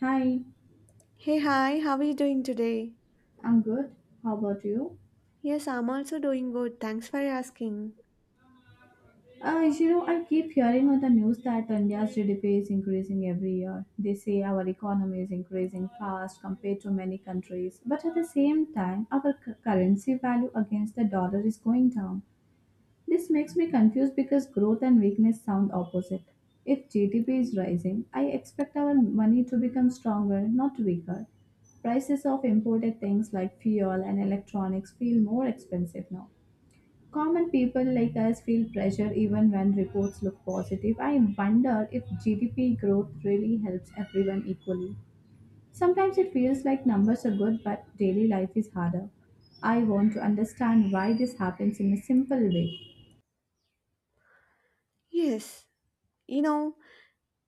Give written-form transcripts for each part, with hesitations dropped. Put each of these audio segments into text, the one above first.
Hi, Hey, hi, how are you doing today? I'm good. How about you? Yes, I'm also doing good. Thanks for asking. I keep hearing on the news that India's GDP is increasing every year. They say our economy is increasing fast compared to many countries, but at the same time, our currency value against the dollar is going down. This makes me confused because growth and weakness sound opposite. If GDP is rising, I expect our money to become stronger, not weaker. Prices of imported things like fuel and electronics feel more expensive now. Common people like us feel pressure even when reports look positive. I wonder if GDP growth really helps everyone equally. Sometimes it feels like numbers are good, but daily life is harder. I want to understand why this happens in a simple way. Yes, you know,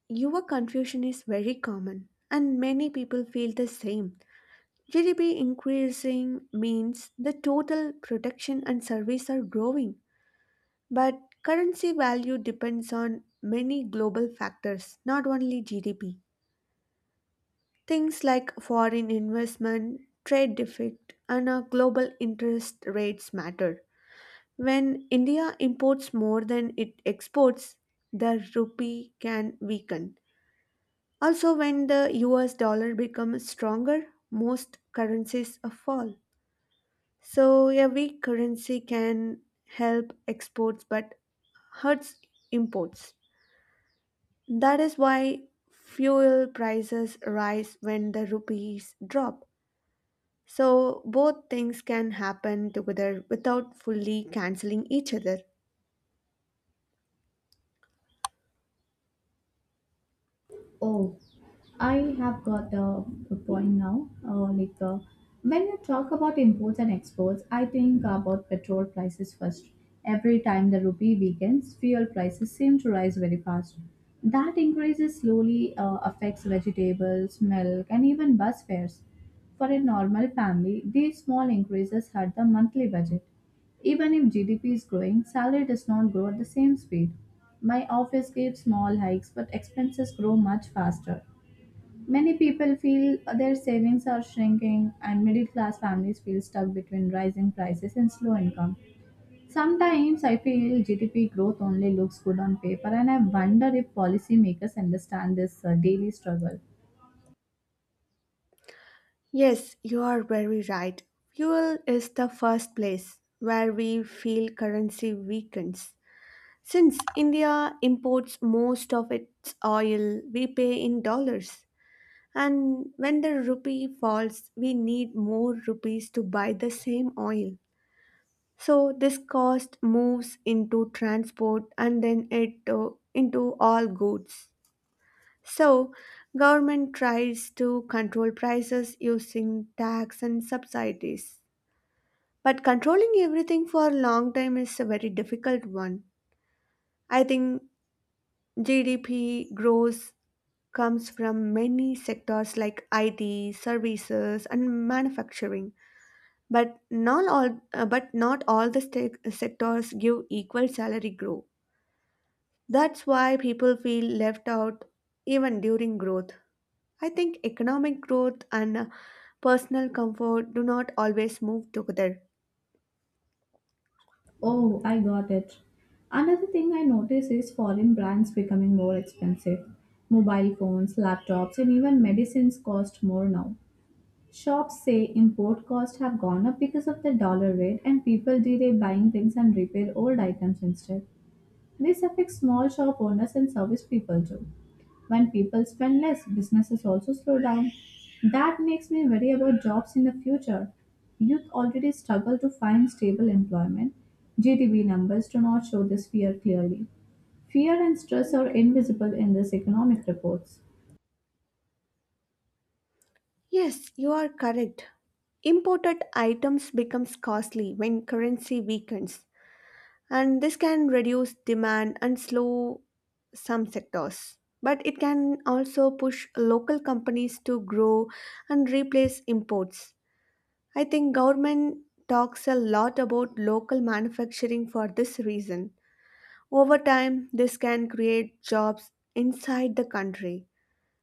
your confusion is very common, and many people feel the same. GDP increasing means the total production and service are growing, but currency value depends on many global factors, not only GDP. Things like foreign investment, trade deficit, and global interest rates matter. When India imports more than it exports, the rupee can weaken. Also, when the US dollar becomes stronger, most currencies fall. So, a weak currency can help exports but hurts imports. That is why fuel prices rise when the rupees drop. So, both things can happen together without fully canceling each other. Oh, I have got a point now. When you talk about imports and exports, I think about petrol prices first. Every time the rupee weakens, fuel prices seem to rise very fast. That increases slowly affects vegetables, milk, and even bus fares. For a normal family, these small increases hurt the monthly budget. Even if GDP is growing, salary does not grow at the same speed. My office gives small hikes, but expenses grow much faster. Many people feel their savings are shrinking, and middle class families feel stuck between rising prices and slow income. Sometimes I feel GDP growth only looks good on paper, and I wonder if policymakers understand this daily struggle. Yes, you are very right. Fuel is the first place where we feel currency weakens. Since India imports most of its oil, we pay in dollars. And when the rupee falls, we need more rupees to buy the same oil. So this cost moves into transport and then it into all goods. So, government tries to control prices using tax and subsidies. But controlling everything for a long time is a very difficult one. I think GDP growth comes from many sectors like IT, services and manufacturing. But not all the stec- sectors give equal salary growth. That's why people feel left out even during growth. I think economic growth and personal comfort do not always move together. Oh, I got it. Another thing I notice is foreign brands becoming more expensive. Mobile phones, laptops, and even medicines cost more now. Shops say import costs have gone up because of the dollar rate, and people delay buying things and repair old items instead. This affects small shop owners and service people too. When people spend less, businesses also slow down. That makes me worry about jobs in the future. Youth already struggle to find stable employment. GDP numbers do not show this fear clearly. Fear and stress are invisible in these economic reports. Yes, you are correct. Imported items becomes costly when currency weakens, and this can reduce demand and slow some sectors. But it can also push local companies to grow and replace imports. I think government talks a lot about local manufacturing for this reason. Over time, this can create jobs inside the country,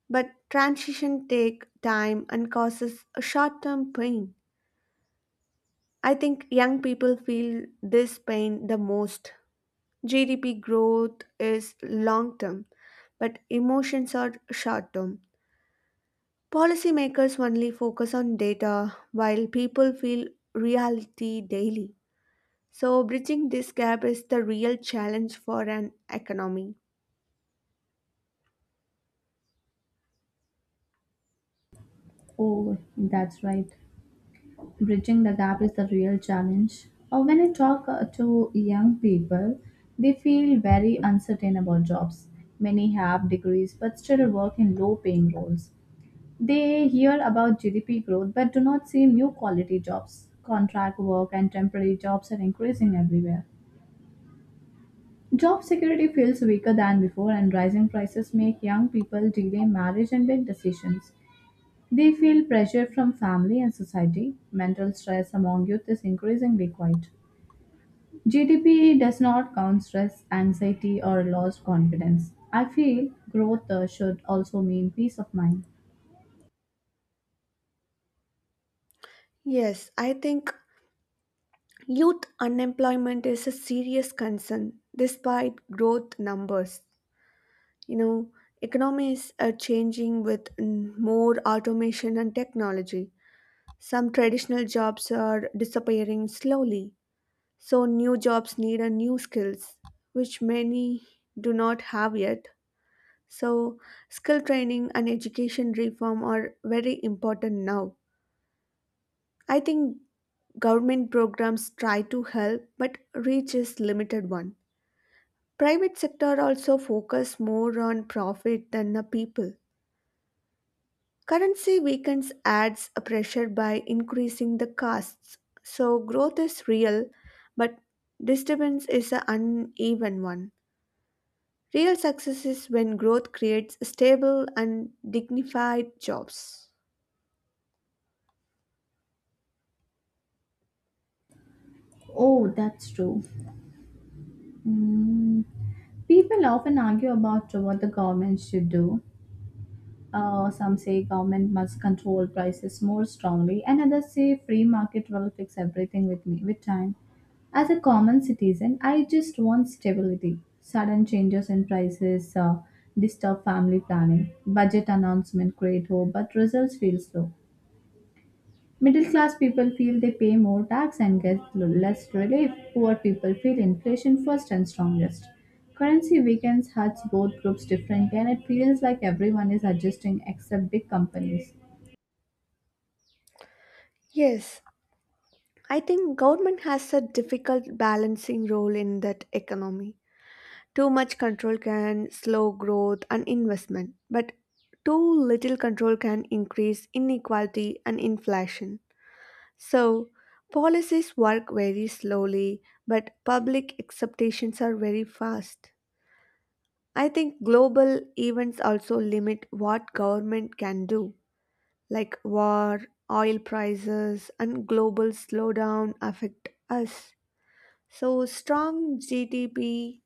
but transition take time and causes a short-term pain. I think young people feel this pain the most. GDP growth is long-term, but emotions are short-term. Policymakers only focus on data while people feel reality daily. So bridging this gap is the real challenge for an economy. Oh, that's right. Bridging the gap is the real challenge. Or when I talk to young people, they feel very uncertain about jobs. Many have degrees but still work in low paying roles. They hear about GDP growth but do not see new quality jobs. Contract work and temporary jobs are increasing everywhere. Job security feels weaker than before, and rising prices make young people delay marriage and big decisions. They feel pressure from family and society. Mental stress among youth is increasingly quite. GDP does not count stress, anxiety, or lost confidence. I feel growth should also mean peace of mind. Yes, I think youth unemployment is a serious concern despite growth numbers. You know, economies are changing with more automation and technology. Some traditional jobs are disappearing slowly, so new jobs need a new skills which many do not have yet. So, skill training and education reform are very important now. I think government programs try to help but reach is limited one. Private sector also focus more on profit than the people. Currency weakens adds a pressure by increasing the costs. So growth is real, but disturbance is an uneven one. Real success is when growth creates stable and dignified jobs. Oh, that's true. Mm, people often argue about what the government should do. Some say government must control prices more strongly, and others say free market will fix everything with time. As a common citizen, I just want stability. Sudden changes in prices disturb family planning. Budget announcement create hope, but results feel slow. Middle class people feel they pay more tax and get less relief. Poor people feel inflation first and strongest. Currency weakens hurts both groups differently, and it feels like everyone is adjusting except big companies. Yes, I think government has a difficult balancing role in that economy. Too much control can slow growth and investment, but too little control can increase inequality and inflation. So, policies work very slowly, but public expectations are very fast. I think global events also limit what government can do, like war, oil prices, and global slowdown affect us. So, strong GDP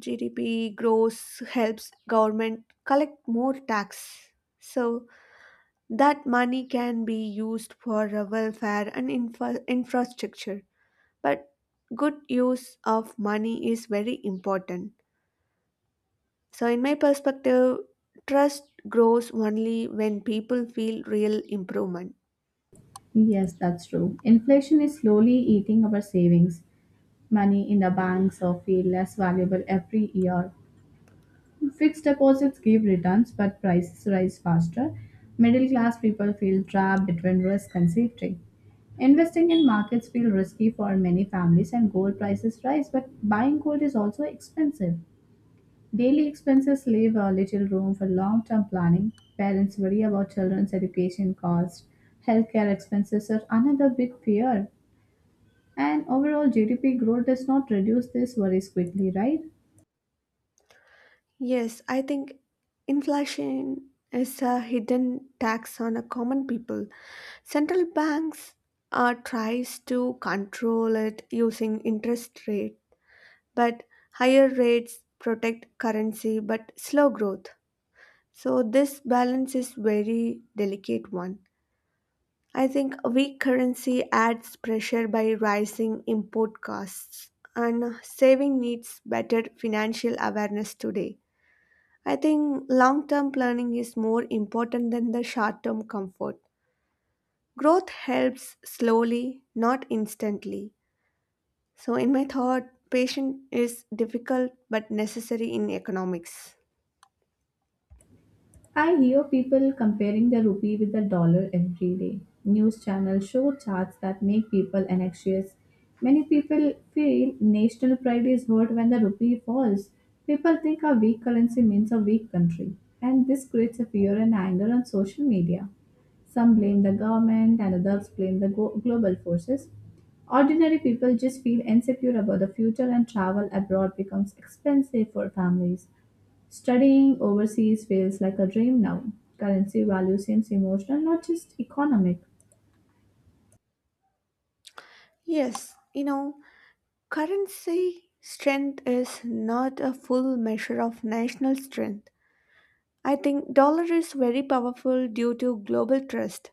GDP grows helps government collect more tax. So that money can be used for welfare and infrastructure. But good use of money is very important. So in my perspective, trust grows only when people feel real improvement. Yes, that's true. Inflation is slowly eating our savings. Money in the banks are feel less valuable every year. Fixed deposits give returns, but prices rise faster. Middle class people feel trapped between risk and safety. Investing in markets feel risky for many families and gold prices rise, but buying gold is also expensive. Daily expenses leave a little room for long-term planning. Parents worry about children's education costs. Healthcare expenses are another big fear. And overall GDP growth does not reduce these worries quickly, right? Yes, I think inflation is a hidden tax on a common people. Central banks tries to control it using interest rate, but higher rates protect currency but slow growth. So this balance is very delicate one. I think a weak currency adds pressure by rising import costs and saving needs better financial awareness today. I think long term planning is more important than the short term comfort. Growth helps slowly, not instantly. So, in my thought, patience is difficult but necessary in economics. I hear people comparing the rupee with the dollar every day. News channels show charts that make people anxious. Many people feel national pride is hurt when the rupee falls. People think a weak currency means a weak country, and this creates a fear and anger on social media. Some blame the government, and others blame the global forces. Ordinary people just feel insecure about the future, and travel abroad becomes expensive for families. Studying overseas feels like a dream now. Currency value seems emotional, not just economic. Yes, currency strength is not a full measure of national strength. I think dollar is very powerful due to global trust,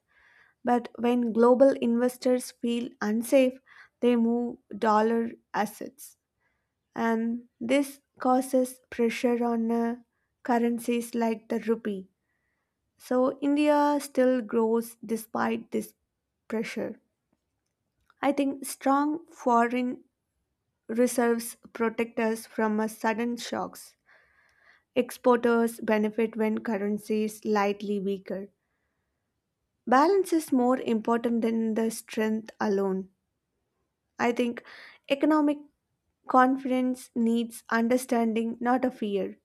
but when global investors feel unsafe, they move dollar assets, and this causes pressure on currencies like the rupee. So India still grows despite this pressure. I think strong foreign reserves protect us from sudden shocks. Exporters benefit when currency is slightly weaker. Balance is more important than the strength alone. I think economic confidence needs understanding, not a fear.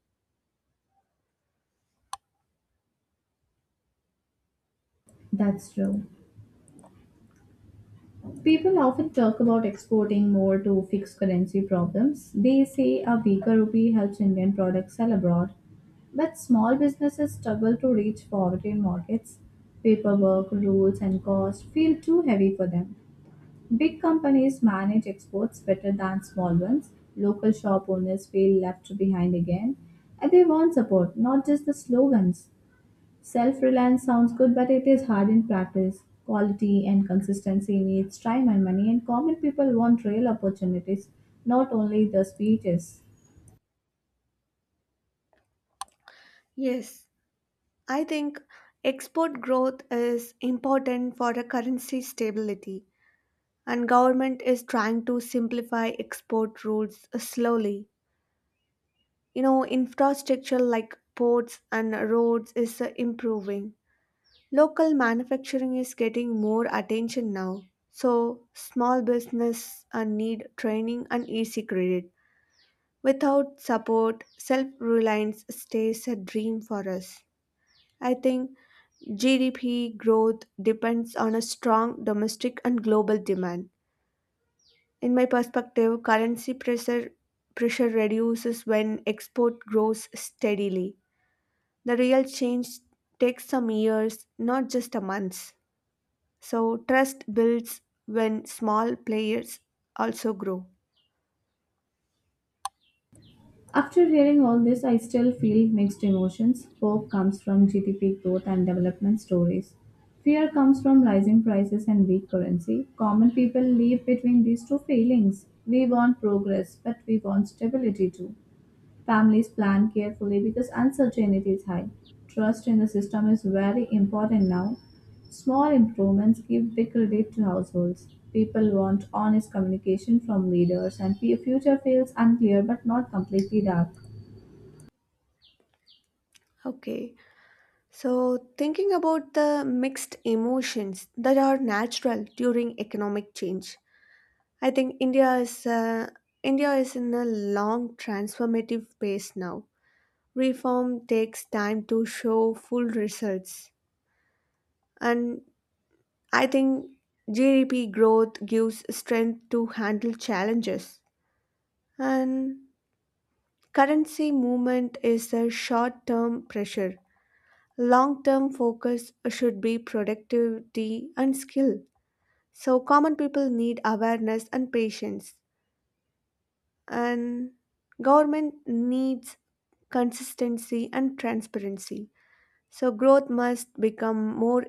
That's true. People often talk about exporting more to fix currency problems. They say a weaker rupee helps Indian products sell abroad. But small businesses struggle to reach foreign markets. Paperwork, rules, and cost feel too heavy for them. Big companies manage exports better than small ones. Local shop owners feel left behind again. And they want support, not just the slogans. Self reliance sounds good, but it is hard in practice. Quality and consistency needs time and money, and common people want real opportunities, not only the speeches. Yes, I think export growth is important for the currency stability and government is trying to simplify export rules slowly. Infrastructure like ports and roads is improving. Local manufacturing is getting more attention now. So, small business need training and easy credit. Without support, self-reliance stays a dream for us. I think GDP growth depends on a strong domestic and global demand. In my perspective, currency pressure reduces when export grows steadily. The real change takes some years, not just a month. So trust builds when small players also grow. After hearing all this, I still feel mixed emotions. Hope comes from GDP growth and development stories. Fear comes from rising prices and weak currency. Common people live between these two feelings. We want progress, but we want stability too. Families plan carefully because uncertainty is high. Trust in the system is very important now. Small improvements give big relief to households. People want honest communication from leaders, and the future feels unclear but not completely dark. Okay. So thinking about the mixed emotions that are natural during economic change. I think India is in a long transformative phase now. Reform takes time to show full results, and I think GDP growth gives strength to handle challenges. And currency movement is a short-term pressure. Long-term focus should be productivity and skill. So common people need awareness and patience. And government needs consistency and transparency, so growth must become more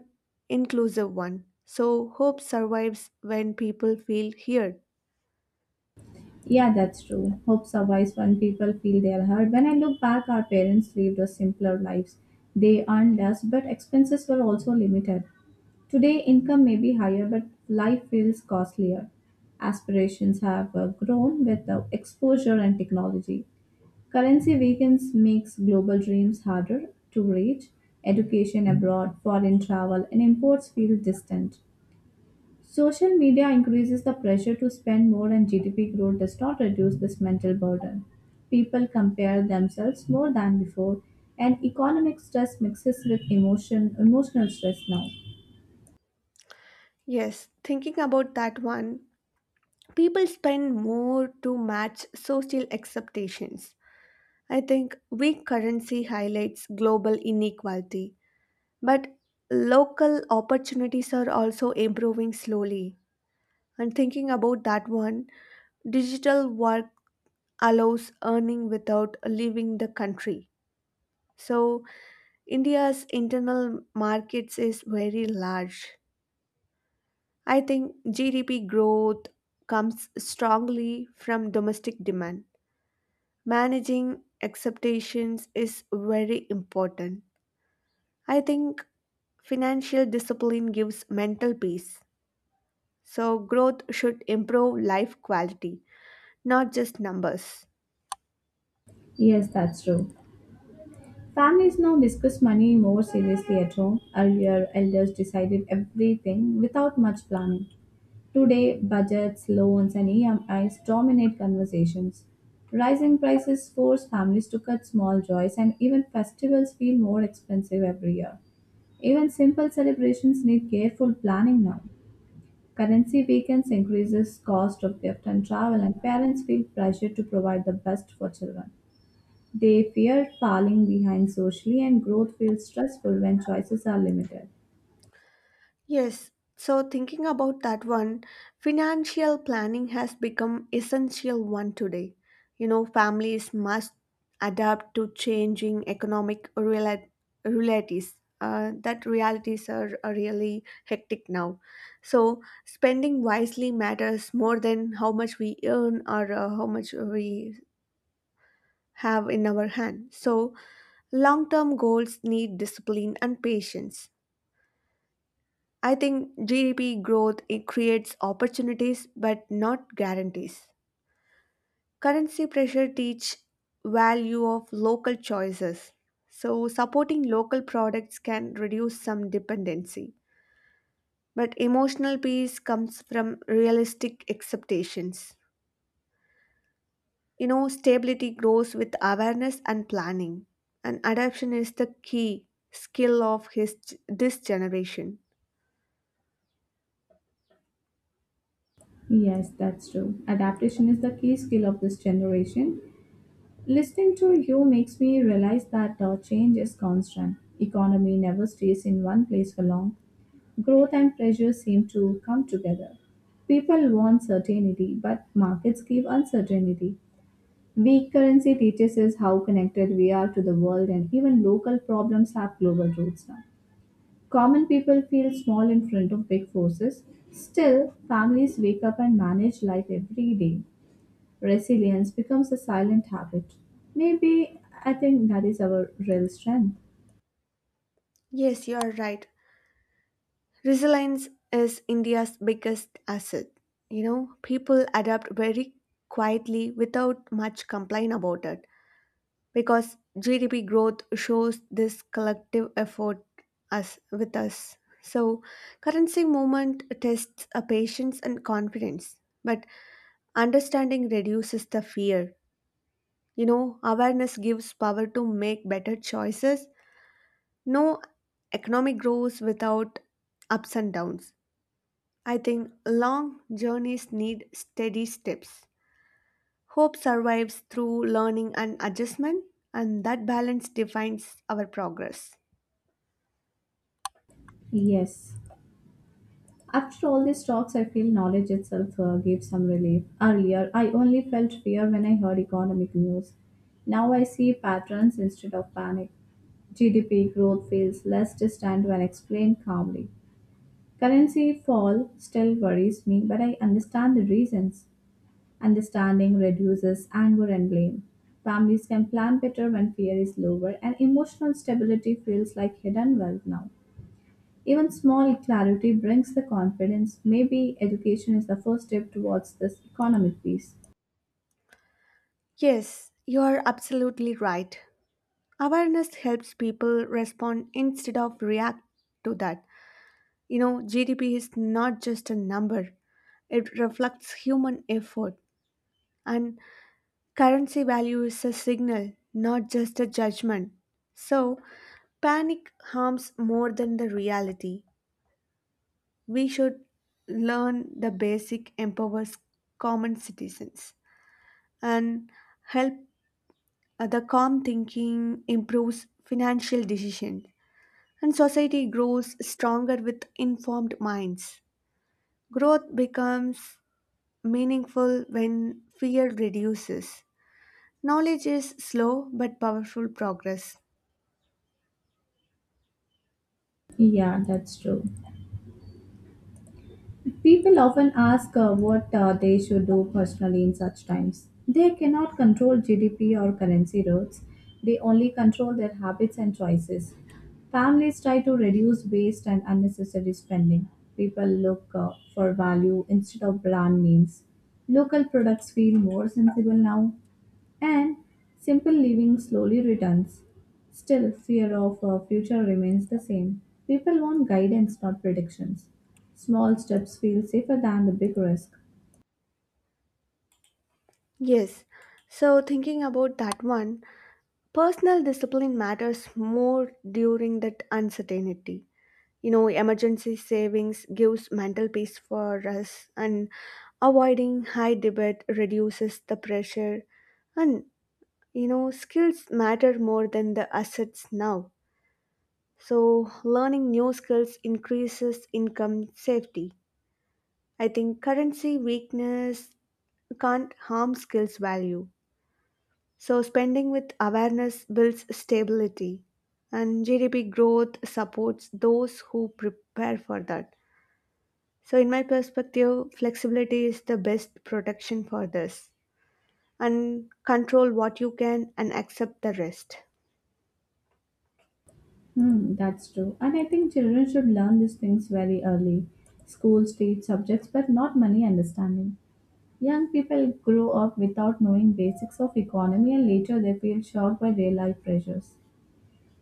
inclusive one, so hope survives when people feel heard. Yeah, that's true. Hope survives when people feel they are heard. When I look back, our parents lived a simpler lives. They earned less, but expenses were also limited. Today, income may be higher, but life feels costlier. Aspirations have grown with the exposure and technology. Currency weakens makes global dreams harder to reach. Education abroad, foreign travel, and imports feel distant. Social media increases the pressure to spend more, and GDP growth does not reduce this mental burden. People compare themselves more than before, and economic stress mixes with emotional stress now. Yes, thinking about that one, people spend more to match social expectations. I think weak currency highlights global inequality, but local opportunities are also improving slowly. And thinking about that one, digital work allows earning without leaving the country. So, India's internal markets is very large. I think GDP growth comes strongly from domestic demand. Managing expectations is very important. I think financial discipline gives mental peace. So, growth should improve life quality, not just numbers. Yes, that's true. Families now discuss money more seriously at home. Earlier, elders decided everything without much planning. Today, budgets, loans, and EMIs dominate conversations. Rising prices force families to cut small joys, and even festivals feel more expensive every year. Even simple celebrations need careful planning now. Currency weakens increases cost of gift and travel, and parents feel pressure to provide the best for children. They fear falling behind socially, and growth feels stressful when choices are limited. Yes, so thinking about that one, financial planning has become essential one today. Families must adapt to changing economic realities. That realities are really hectic now. So spending wisely matters more than how much we earn or how much we have in our hand. So long-term goals need discipline and patience. I think GDP growth it creates opportunities but not guarantees. Currency pressure teach value of local choices. So supporting local products can reduce some dependency. But emotional peace comes from realistic expectations. Stability grows with awareness and planning. And adaptation is the key skill of his this generation. Yes, that's true. Adaptation is the key skill of this generation. Listening to you makes me realize that change is constant. Economy never stays in one place for long. Growth and pressure seem to come together. People want certainty, but markets give uncertainty. Weak currency teaches us how connected we are to the world, and even local problems have global roots now. Common people feel small in front of big forces. Still, families wake up and manage life every day resilience becomes a silent habit. Maybe I think that is our real strength. Yes, you are right. Resilience is India's biggest asset. People adapt very quietly without much complaint about it because GDP growth shows this collective effort us with us. So, currency movement tests a patience and confidence, but understanding reduces the fear. Awareness gives power to make better choices. No economic growth without ups and downs. I think long journeys need steady steps. Hope survives through learning and adjustment, and that balance defines our progress. Yes. After all these talks, I feel knowledge itself gives some relief. Earlier, I only felt fear when I heard economic news. Now I see patterns instead of panic. GDP growth feels less distant when explained calmly. Currency fall still worries me, but I understand the reasons. Understanding reduces anger and blame. Families can plan better when fear is lower, and emotional stability feels like hidden wealth now. Even small clarity brings the confidence. Maybe education is the first step towards this economic peace. Yes, you are absolutely right. Awareness helps people respond instead of react to that. GDP is not just a number, it reflects human effort, and currency value is a signal, not just a judgment. So, panic harms more than the reality. We should learn the basic empowers common citizens and help the calm thinking improves financial decision, and society grows stronger with informed minds. Growth becomes meaningful when fear reduces. Knowledge is slow but powerful progress. Yeah, that's true. People often ask what they should do personally in such times. They cannot control GDP or currency rates, they only control their habits and choices. Families try to reduce waste and unnecessary spending. People look for value instead of brand names. Local products feel more sensible now and simple living slowly returns. Still, fear of a future remains the same. People want guidance, not predictions. Small steps feel safer than the big risk. Yes, so thinking about that one, personal discipline matters more during that uncertainty. Emergency savings gives mental peace for us, and avoiding high debt reduces the pressure. And skills matter more than the assets now. So learning new skills increases income safety. I think currency weakness can't harm skills value. So spending with awareness builds stability, and GDP growth supports those who prepare for that. So, in my perspective, flexibility is the best protection for this, and control what you can and accept the rest. Hmm, that's true. And I think children should learn these things very early. Schools teach subjects, but not money understanding. Young people grow up without knowing basics of economy and later they feel shocked by real life pressures.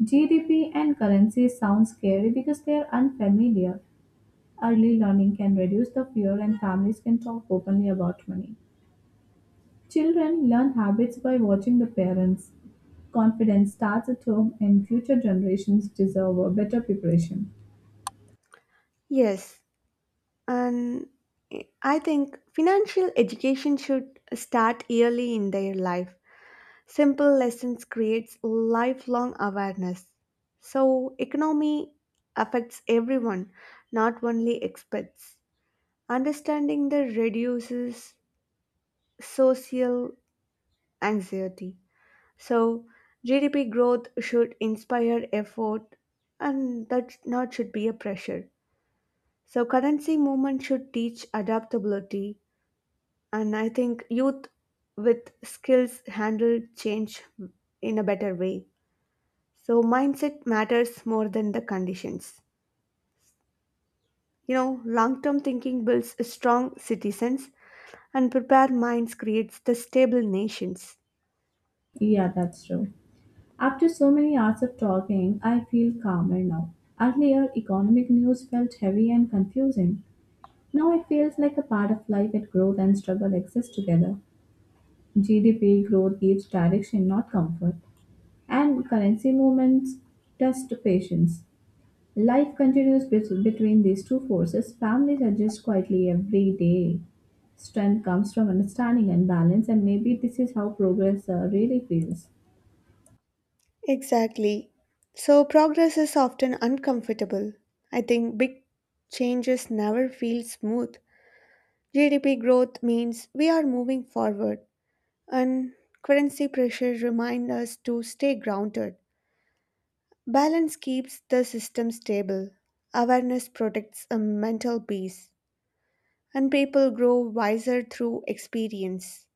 GDP and currency sound scary because they are unfamiliar. Early learning can reduce the fear, and families can talk openly about money. Children learn habits by watching the parents. Confidence starts at home, and future generations deserve a better preparation. Yes, and I think financial education should start early in their life. Simple lessons creates lifelong awareness. So, economy affects everyone, not only experts. Understanding the reduces social anxiety. So GDP growth should inspire effort, and that not should be a pressure. So currency movement should teach adaptability, and I think youth with skills handle change in a better way. So mindset matters more than the conditions. Long-term thinking builds strong citizens, and prepared minds creates the stable nations. Yeah, that's true. After so many hours of talking, I feel calmer now. Earlier, economic news felt heavy and confusing. Now it feels like a part of life that growth and struggle exist together. GDP growth gives direction, not comfort. And currency movements test patience. Life continues between these two forces. Families adjust quietly every day. Strength comes from understanding and balance, and maybe this is how progress really feels. Exactly. So progress is often uncomfortable. I think big changes never feel smooth. GDP growth means we are moving forward, and currency pressure remind us to stay grounded. Balance keeps the system stable. Awareness protects a mental peace, and people grow wiser through experience.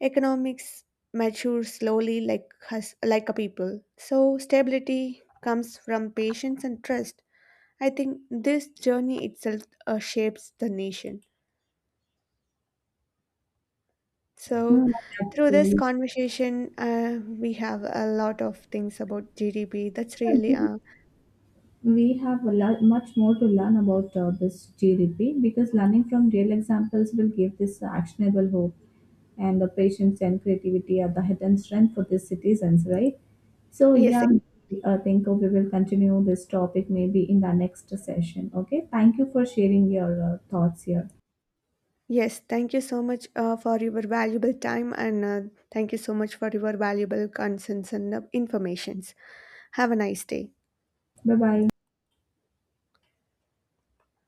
Economics matures slowly like us, like a people. So stability comes from patience and trust. I think this journey itself shapes the nation. So Hmm, that's through this true. conversation, we have a lot of things about GDP. That's really. uh, We have a lot, much more to learn about this GDP because learning from real examples will give this actionable hope and the patience and creativity are the hidden strength for these citizens, right? So, yes, yeah, I think we will continue this topic maybe in the next session. Okay, thank you for sharing your thoughts here. yes. Thank you so much for your valuable time and thank you so much for your valuable concerns and informations. Have a nice day. Bye bye.